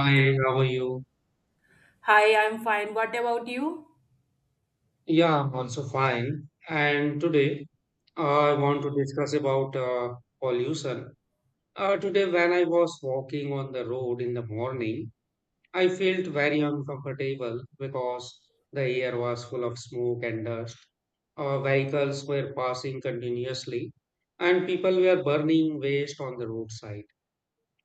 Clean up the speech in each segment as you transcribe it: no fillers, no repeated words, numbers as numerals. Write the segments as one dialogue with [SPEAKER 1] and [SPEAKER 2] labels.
[SPEAKER 1] Hi, how are you?
[SPEAKER 2] Hi, I'm fine. What about you?
[SPEAKER 1] Yeah, I'm also fine. And today I want to discuss about pollution. Today, when I was walking on the road in the morning, I felt very uncomfortable because the air was full of smoke and dust. Vehicles were passing continuously, and people were burning waste on the roadside.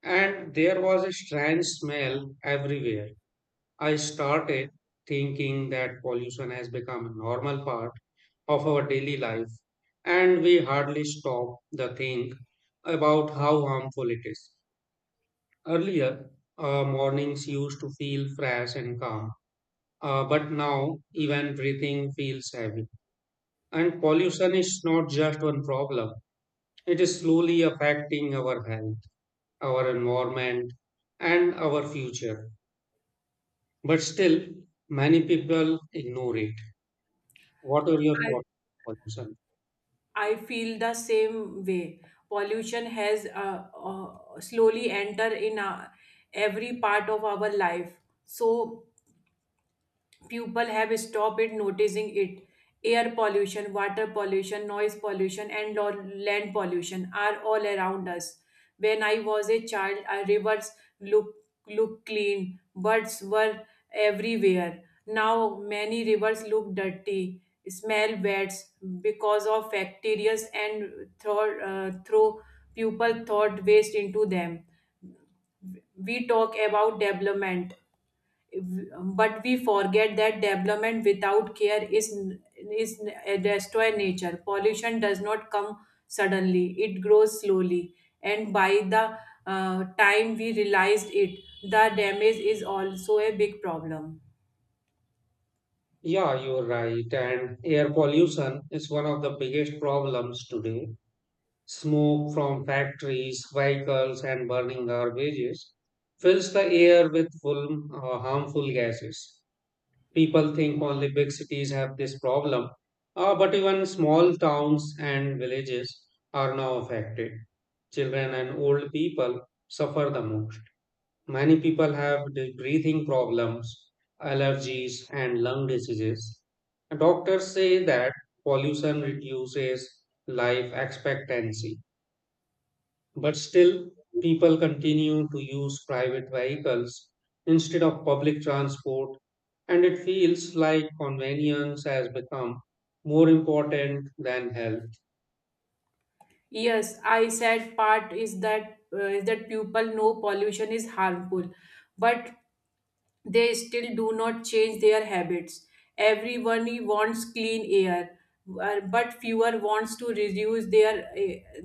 [SPEAKER 1] And there was a strange smell everywhere. I started thinking that pollution has become a normal part of our daily life, and we hardly stop to think about how harmful it is. Earlier, mornings used to feel fresh and calm, but now even breathing feels heavy. And pollution is not just one problem, it is slowly affecting our health, our environment, and our future. But still, many people ignore it. What are your thoughts on pollution?
[SPEAKER 2] I feel the same way. Pollution has slowly entered in every part of our life. So people have stopped it noticing it. Air pollution, water pollution, noise pollution, and land pollution are all around us. When I was a child, our rivers look look clean, birds were everywhere. Now many rivers look dirty, smell bad because of bacteria and throw, people thought waste into them. We talk about development, but we forget that development without care is destroy nature. Pollution does not come suddenly, it grows slowly, and by the time we realized it, the damage is also a big problem.
[SPEAKER 1] Yeah, you're right. And air pollution is one of the biggest problems today. Smoke from factories, vehicles, and burning garbages fills the air with full, harmful gases. People think only big cities have this problem, but even small towns and villages are now affected. Children and old people suffer the most. Many people have the breathing problems, allergies, and lung diseases. Doctors say that pollution reduces life expectancy, but still, people continue to use private vehicles instead of public transport, and it feels like convenience has become more important than health.
[SPEAKER 2] Yes, I said part is that people know pollution is harmful, but they still do not change their habits. Everyone wants clean air, but fewer wants to reduce their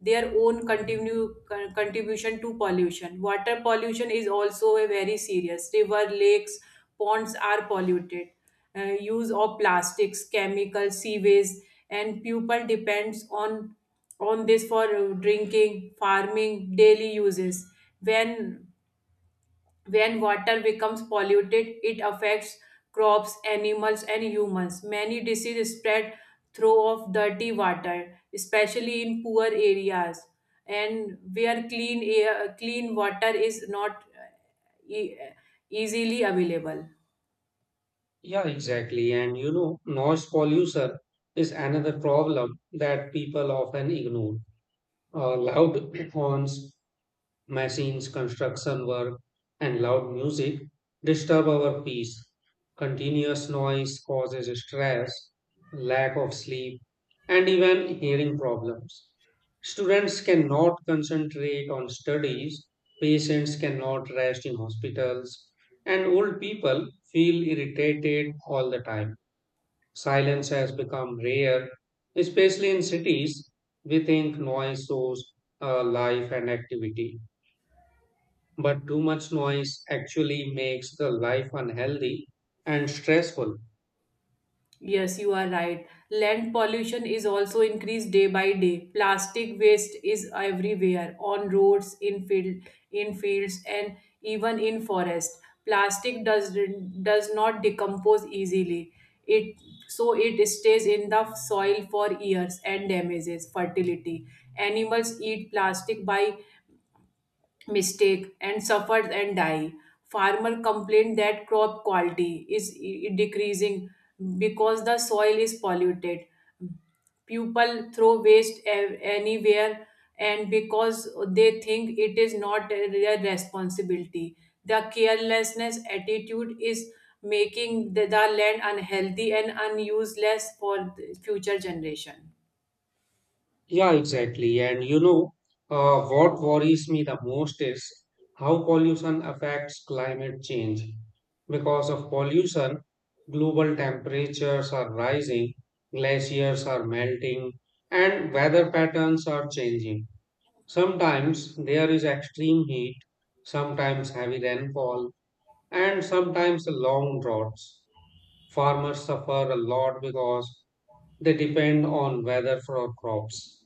[SPEAKER 2] their own continue contribution to pollution. Water pollution is also a very serious. River, lakes, ponds are polluted. Use of plastics, chemicals, sewage, and people depends on this for drinking, farming, daily uses. When when water becomes polluted, it affects crops, animals, and humans. Many diseases spread through of dirty water, especially in poor areas and where clean air, clean water is not e- easily available.
[SPEAKER 1] Yeah, exactly. And you know, noise pollution is another problem that people often ignore. Loud horns, machines, construction work, and loud music disturb our peace. Continuous noise causes stress, lack of sleep, and even hearing problems. Students cannot concentrate on studies, patients cannot rest in hospitals, and old people feel irritated all the time. Silence has become rare, especially in cities. We think noise shows life and activity, but too much noise actually makes the life unhealthy and stressful.
[SPEAKER 2] Yes, you are right. Land pollution is also increased day by day. Plastic waste is everywhere, on roads, in fields, and even in forest. Plastic does not decompose easily. It so it stays in the soil for years and damages fertility. Animals eat plastic by mistake and suffers and die. Farmer complain that crop quality is decreasing because the soil is polluted. People throw waste anywhere and because they think it is not their responsibility. The carelessness attitude is making the land unhealthy and unuseless for the future generation.
[SPEAKER 1] Yeah, exactly. And you know, what worries me the most is how pollution affects climate change. Because of pollution, global temperatures are rising, glaciers are melting, and weather patterns are changing. Sometimes there is extreme heat, sometimes heavy rainfall, and sometimes long droughts. Farmers suffer a lot because they depend on weather for crops.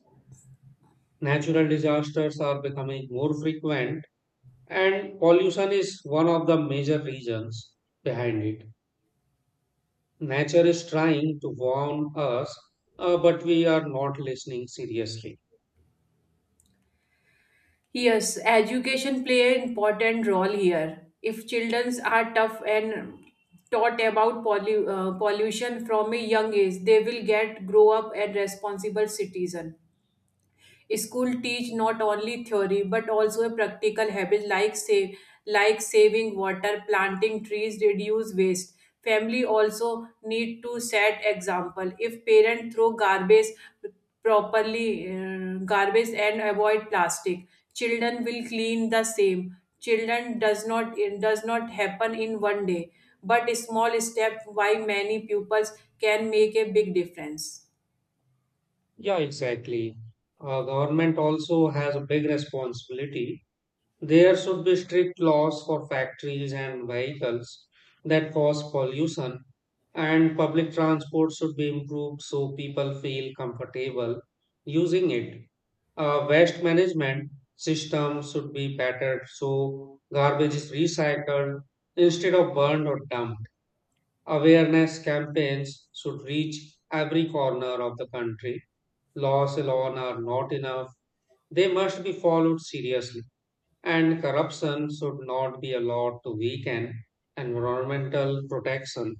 [SPEAKER 1] Natural disasters are becoming more frequent, and pollution is one of the major reasons behind it. Nature is trying to warn us, but we are not listening seriously.
[SPEAKER 2] Yes, education play an important role here. If children are tough and taught about pollution from a young age, they will get grow up and responsible citizen. School teach not only theory but also a practical habit like like saving water, planting trees, reduce waste. Family also need to set example. If parents throw garbage and avoid plastic, children will clean the same. Children does not, it does not happen in one day, but a small step why many pupils can make a big difference.
[SPEAKER 1] Yeah, exactly. Government also has a big responsibility. There should be strict laws for factories and vehicles that cause pollution, and public transport should be improved so people feel comfortable using it. Waste management system should be bettered so garbage is recycled instead of burned or dumped. Awareness campaigns should reach every corner of the country. Laws alone are not enough, they must be followed seriously. And corruption should not be allowed to weaken environmental protection.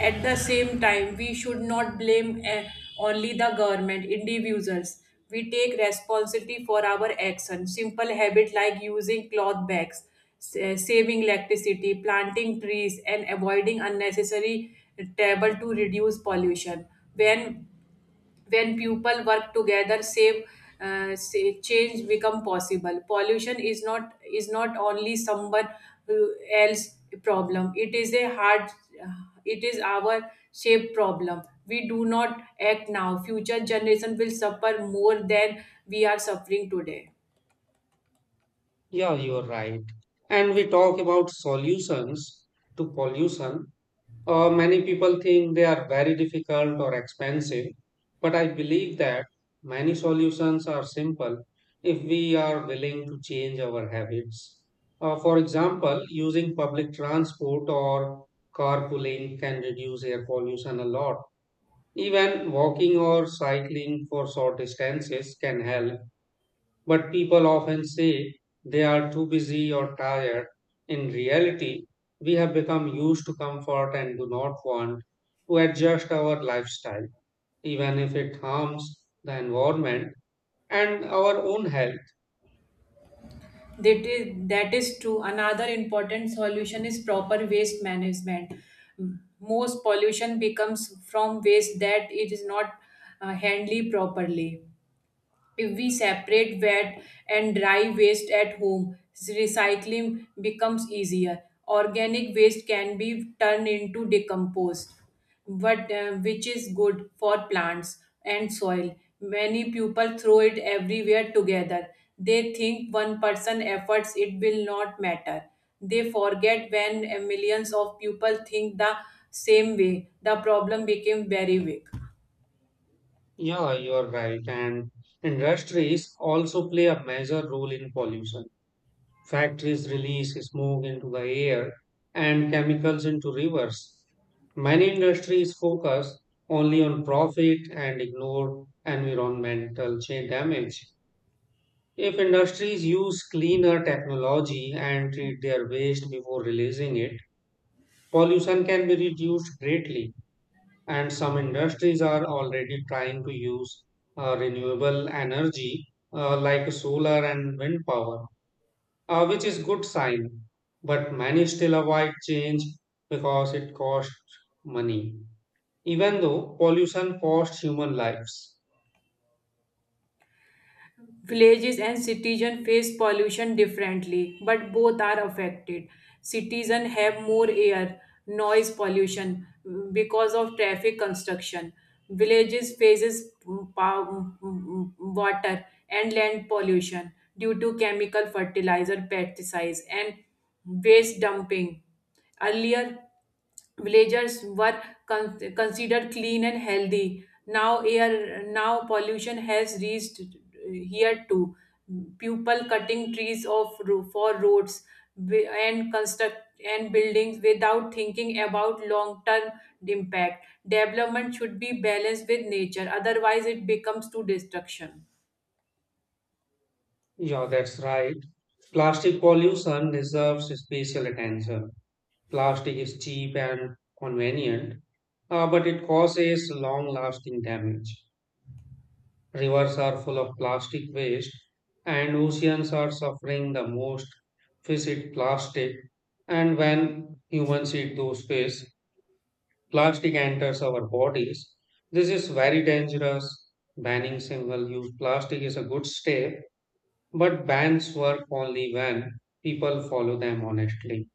[SPEAKER 2] At the same time, we should not blame only the government, individuals. We take responsibility for our actions. Simple habits like using cloth bags, saving electricity, planting trees, and avoiding unnecessary travel to reduce pollution. When when people work together save, say, change become possible. Pollution is not only someone who else problem, it is a hard uh, it is our shape problem. We do not act now, future generation will suffer more than we are suffering today.
[SPEAKER 1] Yeah, you are right. And we talk about solutions to pollution. Many people think they are very difficult or expensive, but I believe that many solutions are simple if we are willing to change our habits. For example, using public transport or carpooling can reduce air pollution a lot. Even walking or cycling for short distances can help, but people often say they are too busy or tired. In reality, we have become used to comfort and do not want to adjust our lifestyle, even if it harms the environment and our own health.
[SPEAKER 2] That is that is true. Another important solution is proper waste management. Most pollution becomes from waste that it is not handled properly. If we separate wet and dry waste at home, recycling becomes easier. Organic waste can be turned into decomposed, which is good for plants and soil. Many people throw it everywhere together. They think one person efforts it will not matter. They forget when millions of people think the same way. The problem became very big.
[SPEAKER 1] Yeah, you're right. And industries also play a major role in pollution. Factories release smoke into the air and chemicals into rivers. Many industries focus only on profit and ignore environmental damage. If industries use cleaner technology and treat their waste before releasing it, pollution can be reduced greatly. And some industries are already trying to use renewable energy like solar and wind power, which is good sign. But many still avoid change because it costs money, even though pollution costs human lives.
[SPEAKER 2] Villages and citizens face pollution differently, but both are affected. Citizens have more air, noise pollution, because of traffic construction. Villages faces water and land pollution due to chemical fertilizer, pesticides, and waste dumping. Earlier, villagers were considered clean and healthy. Now air now pollution has reached here too. People cutting trees for roads, and construct and buildings without thinking about long term impact. Development should be balanced with nature, otherwise it becomes too destruction.
[SPEAKER 1] Yeah, that's right. Plastic pollution deserves special attention. Plastic is cheap and convenient, but it causes long-lasting damage. Rivers are full of plastic waste, and oceans are suffering the most. Fish eat plastic. And when humans eat those fish, plastic enters our bodies. This is very dangerous. Banning single use plastic is a good step, but bans work only when people follow them honestly.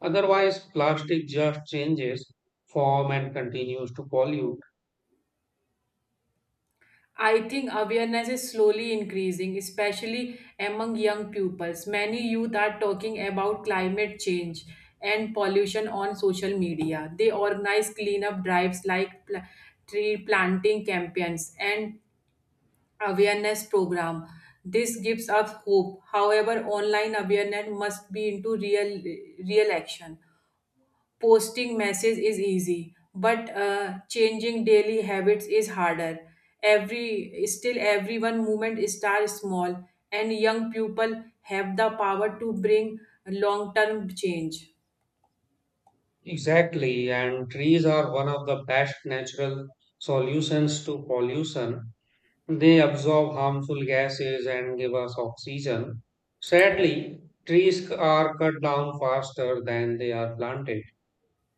[SPEAKER 1] Otherwise, plastic just changes form and continues to pollute.
[SPEAKER 2] I think awareness is slowly increasing, especially among young pupils. Many youth are talking about climate change and pollution on social media. They organize cleanup drives like tree planting campaigns and awareness program. This gives us hope. However, online awareness must be into real action. Posting message is easy, but changing daily habits is harder. Every still everyone movement start small, and young people have the power to bring long term change.
[SPEAKER 1] Exactly, and trees are one of the best natural solutions to pollution. They absorb harmful gases and give us oxygen. Sadly, trees are cut down faster than they are planted,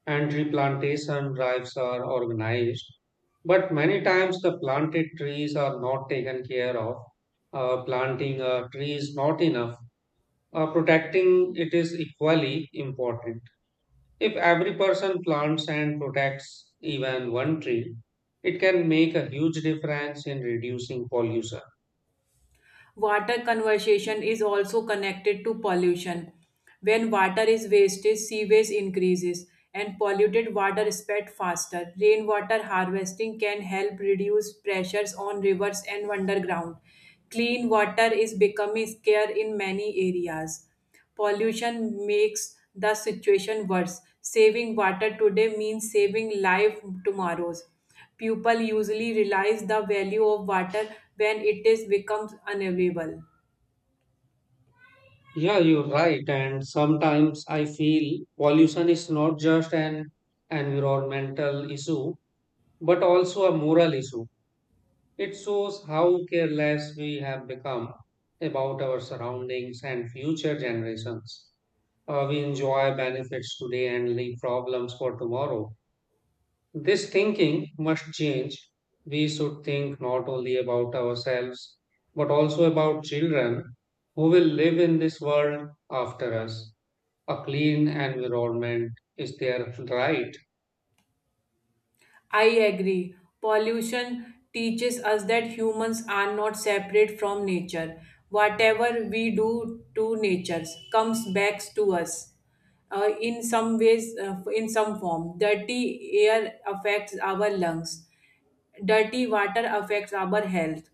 [SPEAKER 1] and replantation drives are organized. But many times the planted trees are not taken care of. Planting a tree is not enough. Protecting it is equally important. If every person plants and protects even one tree, it can make a huge difference in reducing pollution.
[SPEAKER 2] Water conservation is also connected to pollution. When water is wasted, sewage increases and polluted water spread faster. Rainwater harvesting can help reduce pressures on rivers and underground. Clean water is becoming scarce in many areas. Pollution makes the situation worse. Saving water today means saving life tomorrows. People usually realize the value of water when it is becomes unavailable.
[SPEAKER 1] Yeah, you're right. And sometimes I feel pollution is not just an environmental issue, but also a moral issue. It shows how careless we have become about our surroundings and future generations. We enjoy benefits today and leave problems for tomorrow. This thinking must change. We should think not only about ourselves, but also about children who will live in this world after us. A clean environment is their right.
[SPEAKER 2] I agree. Pollution teaches us that humans are not separate from nature. Whatever we do to nature comes back to us in some ways, in some form. Dirty air affects our lungs. Dirty water affects our health.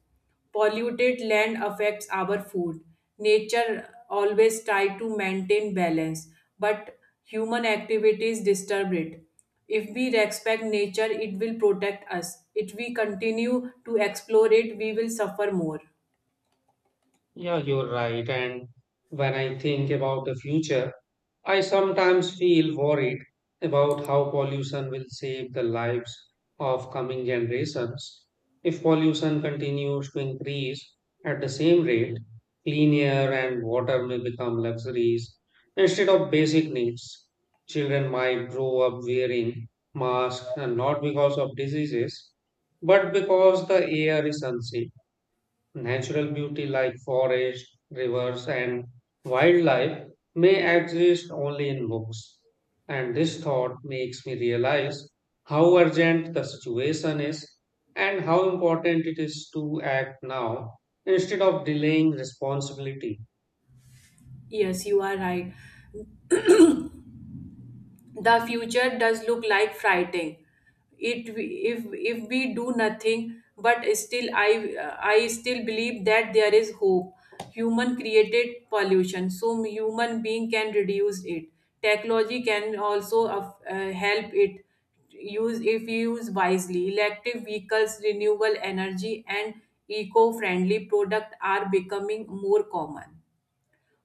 [SPEAKER 2] Polluted land affects our food. Nature always try to maintain balance, but human activities disturb it. If we respect nature, it will protect us. If we continue to explore it, we will suffer more.
[SPEAKER 1] Yeah, you're right. And when I think about the future, I sometimes feel worried about how pollution will save the lives of coming generations. If pollution continues to increase at the same rate, clean air and water may become luxuries instead of basic needs. Children might grow up wearing masks and not because of diseases, but because the air is unsafe. Natural beauty like forests, rivers, and wildlife may exist only in books. And this thought makes me realize how urgent the situation is and how important it is to act now instead of delaying responsibility.
[SPEAKER 2] Yes, you are right. The future does look like frightening it if we do nothing, but still I still believe that there is hope. Human created pollution, so human being can reduce it. Technology can also help it use if used wisely. Electric vehicles, renewable energy, and eco friendly product are becoming more common.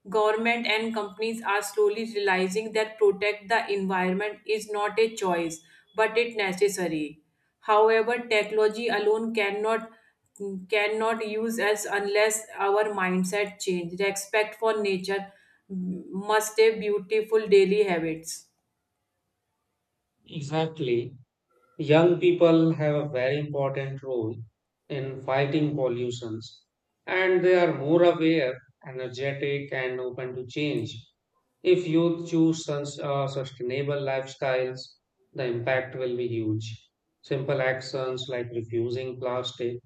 [SPEAKER 2] Government and companies are slowly realizing that protect the environment is not a choice, but it necessary. However, technology alone cannot use us unless our mindset change. Respect for nature must a beautiful daily habits.
[SPEAKER 1] Exactly. Young people have a very important role in fighting pollutions, and they are more aware, energetic, and open to change. If youth choose sustainable lifestyles, the impact will be huge. Simple actions like refusing plastic,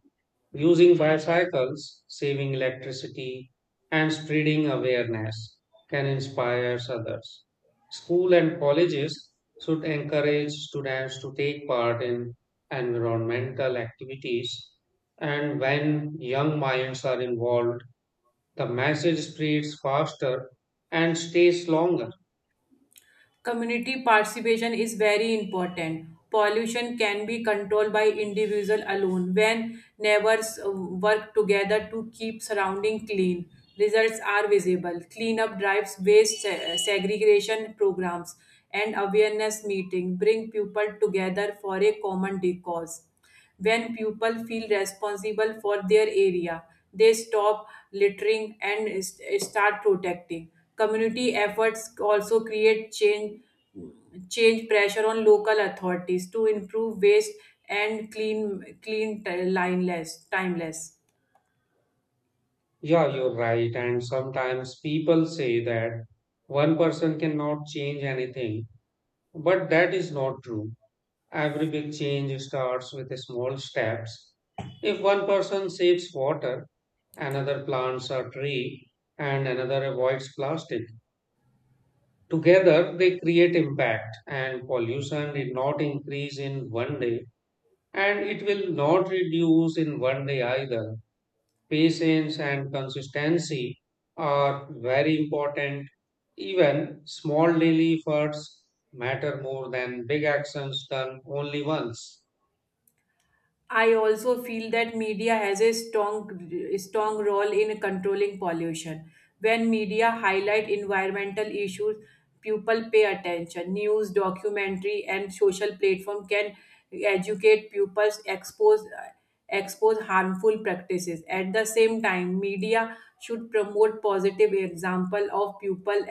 [SPEAKER 1] using bicycles, saving electricity, and spreading awareness can inspire others. School and colleges should encourage students to take part in environmental activities, and when young minds are involved, the message spreads faster and stays longer.
[SPEAKER 2] Community participation is very important. Pollution can be controlled by individual alone when neighbors work together to keep surrounding clean. Results are visible. Cleanup drives, segregation programs, and awareness meeting bring people together for a common cause. When people feel responsible for their area, they stop littering and start protecting. Community efforts also create change pressure on local authorities to improve waste and clean t- lineless timeless.
[SPEAKER 1] Yeah, you're right. And sometimes people say that one person cannot change anything, but that is not true. Every big change starts with small steps. If one person saves water, another plants a tree, and another avoids plastic, together they create impact, and pollution did not increase in one day, and it will not reduce in one day either. Patience and consistency are very important. Even small daily efforts matter more than big actions done only once.
[SPEAKER 2] I also feel that media has a strong role in controlling pollution. When media highlight environmental issues, people pay attention. News, documentary, and social platform can educate pupils, expose harmful practices. At the same time, media should promote positive example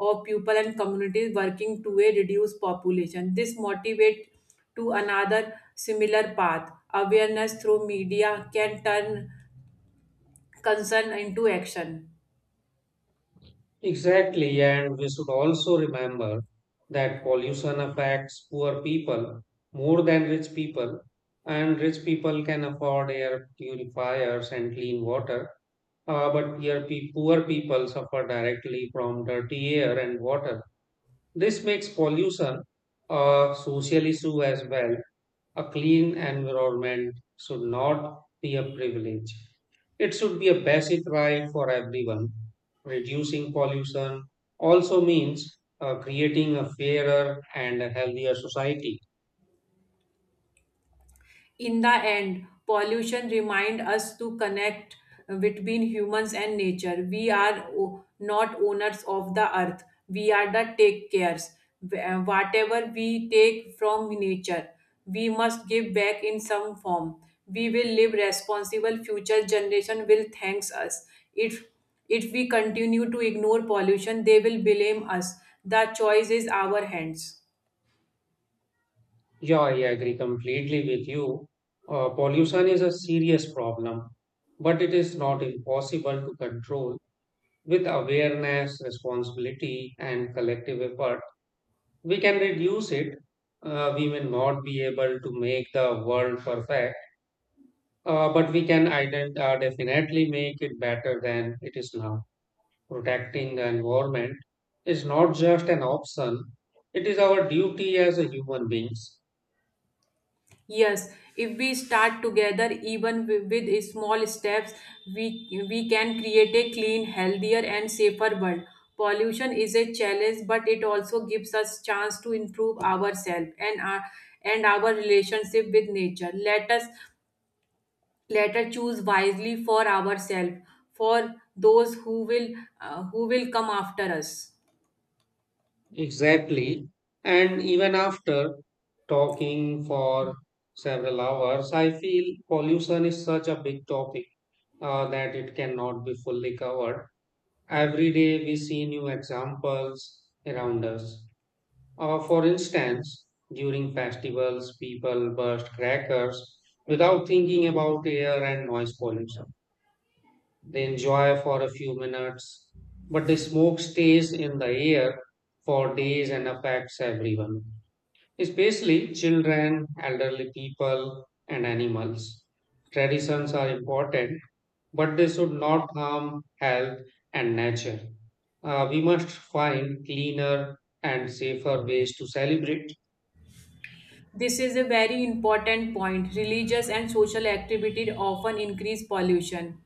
[SPEAKER 2] of people and communities working to a reduced population. This motivate to another similar path. Awareness through media can turn concern into action.
[SPEAKER 1] Exactly, and we should also remember that pollution affects poor people more than rich people, and rich people can afford air purifiers and clean water, but poor people suffer directly from dirty air and water. This makes pollution a social issue as well. A clean environment should not be a privilege. It should be a basic right for everyone. Reducing pollution also means creating a fairer and a healthier society.
[SPEAKER 2] In the end, pollution reminds us to connect between humans and nature. We are not owners of the earth, we are the take cares. Whatever we take from nature, we must give back in some form. We will live responsible, future generation will thanks us. If if we continue to ignore pollution, they will blame us. The choice is our hands.
[SPEAKER 1] Yeah, I agree completely with you. Pollution is a serious problem, but it is not impossible to control. With awareness, responsibility, and collective effort, we can reduce it. We may not be able to make the world perfect. But we can definitely make it better than it is now. Protecting the environment is not just an option, it is our duty as a human beings.
[SPEAKER 2] Yes, if we start together, even with small steps, we can create a clean, healthier, and safer world. Pollution is a challenge, but it also gives us chance to improve ourselves and our relationship with nature. Let us choose wisely for ourselves, for those who will come after us.
[SPEAKER 1] Exactly. And even after talking for several hours, I feel pollution is such a big topic that it cannot be fully covered. Every day we see new examples around us. For instance, during festivals, people burst crackers without thinking about air and noise pollution. They enjoy for a few minutes, but the smoke stays in the air for days and affects everyone, especially children, elderly people, and animals. Traditions are important, but they should not harm health and nature. We must find cleaner and safer ways to celebrate.
[SPEAKER 2] This is a very important point. Religious and social activity often increase pollution,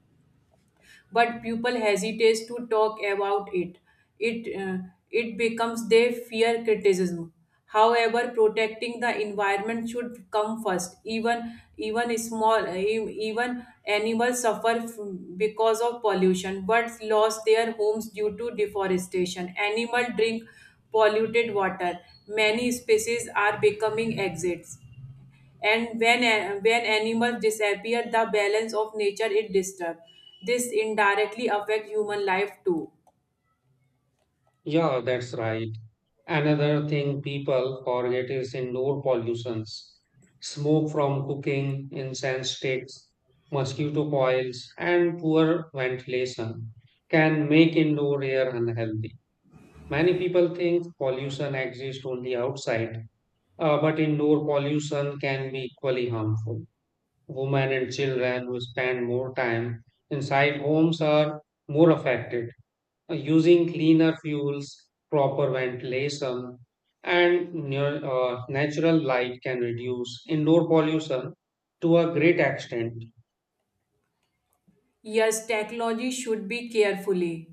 [SPEAKER 2] but people hesitate to talk about it. It uh, it becomes they fear criticism. However, protecting the environment should come first. Even small even animals suffer because of pollution. Birds lost their homes due to deforestation. Animal drink polluted water. Many species are becoming exits, and when animals disappear, the balance of nature is disturbed. This indirectly affects human life too.
[SPEAKER 1] Yeah, that's right. Another thing people forget is indoor pollutions. Smoke from cooking, incense sticks, mosquito coils, and poor ventilation can make indoor air unhealthy. Many people think pollution exists only outside, but indoor pollution can be equally harmful. Women and children who spend more time inside homes are more affected using cleaner fuels, proper ventilation, and natural light can reduce indoor pollution to a great extent.
[SPEAKER 2] Yes, technology should be carefully.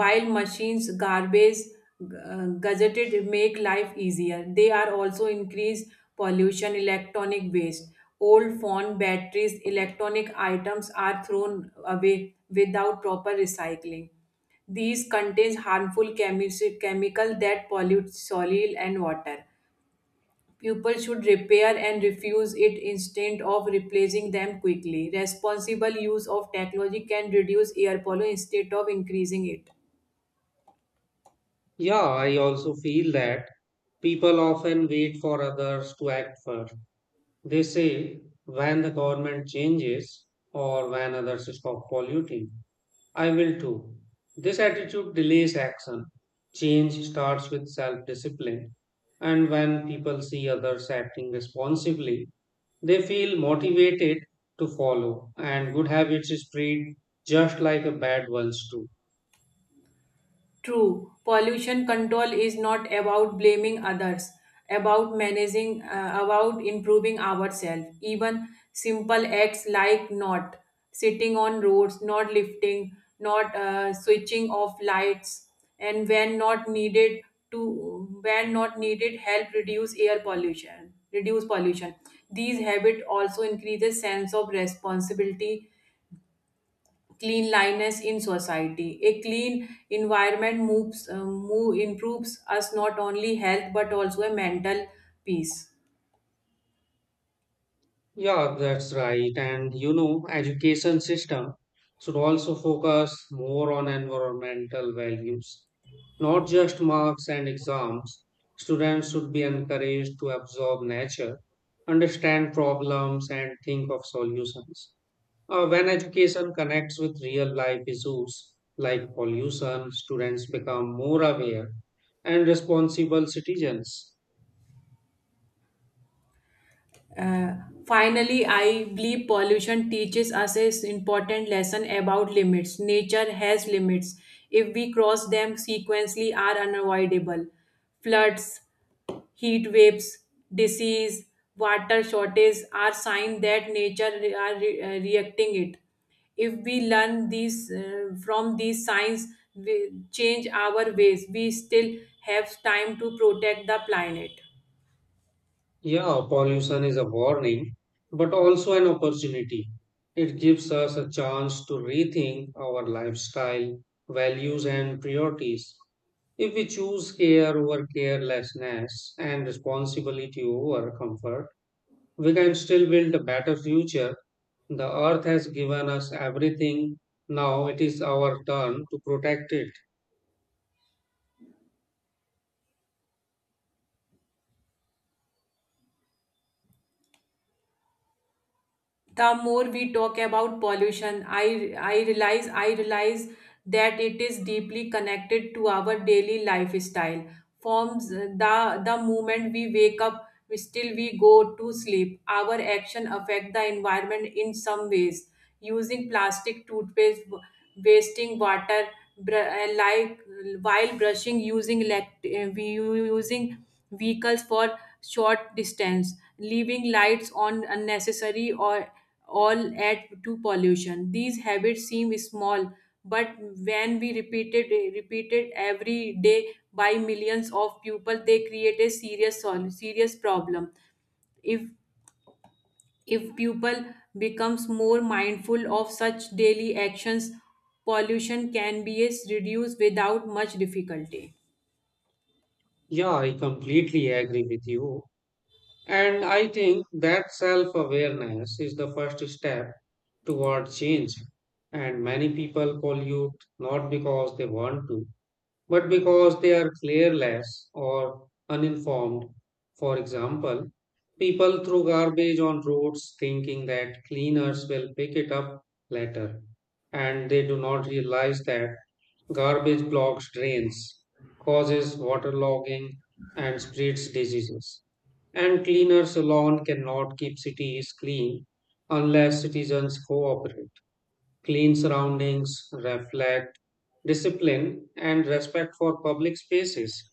[SPEAKER 2] While machines, gadgeted make life easier, they are also increase pollution, electronic waste. Old phone batteries, electronic items are thrown away without proper recycling. These contains harmful chemical that pollute soil and water. People should repair and refuse it instead of replacing them quickly. Responsible use of technology can reduce air pollution instead of increasing it.
[SPEAKER 1] Yeah, I also feel that people often wait for others to act first. They say, when the government changes or when others stop polluting, I will too. This attitude delays action. Change starts with self discipline. And when people see others acting responsibly, they feel motivated to follow, and good habits spread just like a bad ones do.
[SPEAKER 2] True, pollution control is not about blaming others, about managing, about improving ourselves. Even simple acts like not sitting on roads, not lifting, not switching off lights, and when not needed help reduce air pollution reduce pollution. These habits also increases sense of responsibility, cleanliness in society. A clean environment move, improves us not only health but also a mental peace.
[SPEAKER 1] Yeah, that's right. And you know, education system should also focus more on environmental values, not just marks and exams. Students should be encouraged to absorb nature, understand problems, and think of solutions. When education connects with real life issues like pollution, students become more aware and responsible citizens.
[SPEAKER 2] Uh, finally, I believe pollution teaches us an important lesson about limits. Nature has limits. If we cross them, sequentially are unavoidable. Floods, heat waves, disease, water shortage are signs that nature reacting it. If we learn these from these signs, we change our ways. We still have time to protect the planet.
[SPEAKER 1] Yeah, pollution is a warning, but also an opportunity. It gives us a chance to rethink our lifestyle, values, and priorities. If we choose care over carelessness and responsibility over comfort, we can still build a better future. The earth has given us everything. Now it is our turn to protect it.
[SPEAKER 2] The more we talk about pollution, I realize that it is deeply connected to our daily lifestyle forms the moment we wake up, we go to sleep, our action affect the environment in some ways. Using plastic toothpaste, wasting water, like while brushing, we using vehicles for short distance, leaving lights on unnecessary or all add to pollution. These habits seem small, but when we repeated every day by millions of people, they create a serious problem. If if people becomes more mindful of such daily actions, pollution can be is reduced without much difficulty.
[SPEAKER 1] Yeah, I completely agree with you. And I think that self awareness is the first step toward change. And many people pollute not because they want to, but because they are careless or uninformed. For example, people throw garbage on roads thinking that cleaners will pick it up later, and they do not realize that garbage blocks drains, causes waterlogging, and spreads diseases. And cleaners alone cannot keep cities clean unless citizens cooperate. Clean surroundings reflect discipline and respect for public spaces.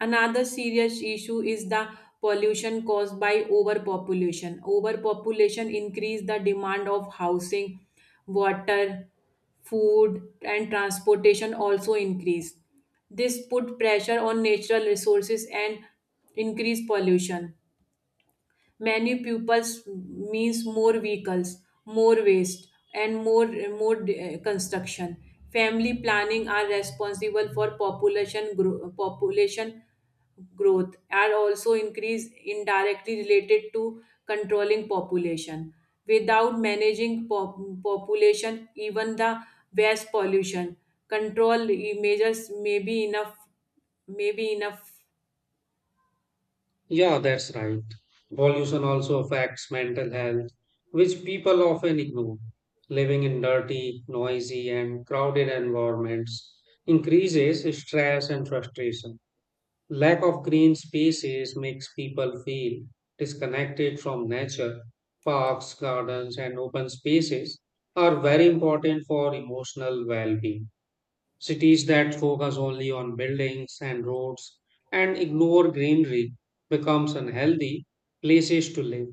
[SPEAKER 2] Another serious issue is the pollution caused by overpopulation. Overpopulation increase the demand of housing, water, food, and transportation also increase. This put pressure on natural resources and increase pollution. Many pupils means more vehicles, more waste, and more construction. Family planning are responsible for population growth are also increase indirectly related to controlling population without managing population, even the waste pollution control measures may be enough, may be enough.
[SPEAKER 1] Yeah, that's right. Pollution also affects mental health, which people often ignore. Living in dirty, noisy, and crowded environments increases stress and frustration. Lack of green spaces makes people feel disconnected from nature. Parks, gardens, and open spaces are very important for emotional well being. Cities that focus only on buildings and roads and ignore greenery becomes unhealthy places to live.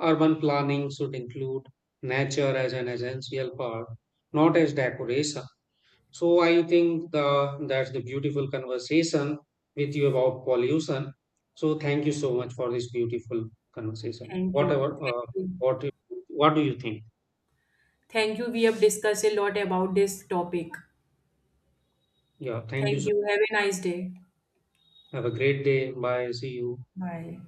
[SPEAKER 1] Urban planning should include nature as an essential part, not as decoration. So I think that's the beautiful conversation with you about pollution. So thank you so much for this beautiful conversation.
[SPEAKER 2] Thank you.
[SPEAKER 1] Whatever,
[SPEAKER 2] Thank you.
[SPEAKER 1] what, do- what do you think?
[SPEAKER 2] Thank you. We have discussed a lot about this topic.
[SPEAKER 1] Yeah, thank you.
[SPEAKER 2] Thank
[SPEAKER 1] So
[SPEAKER 2] you. Have a nice day.
[SPEAKER 1] have a great day. Bye. See you.
[SPEAKER 2] Bye.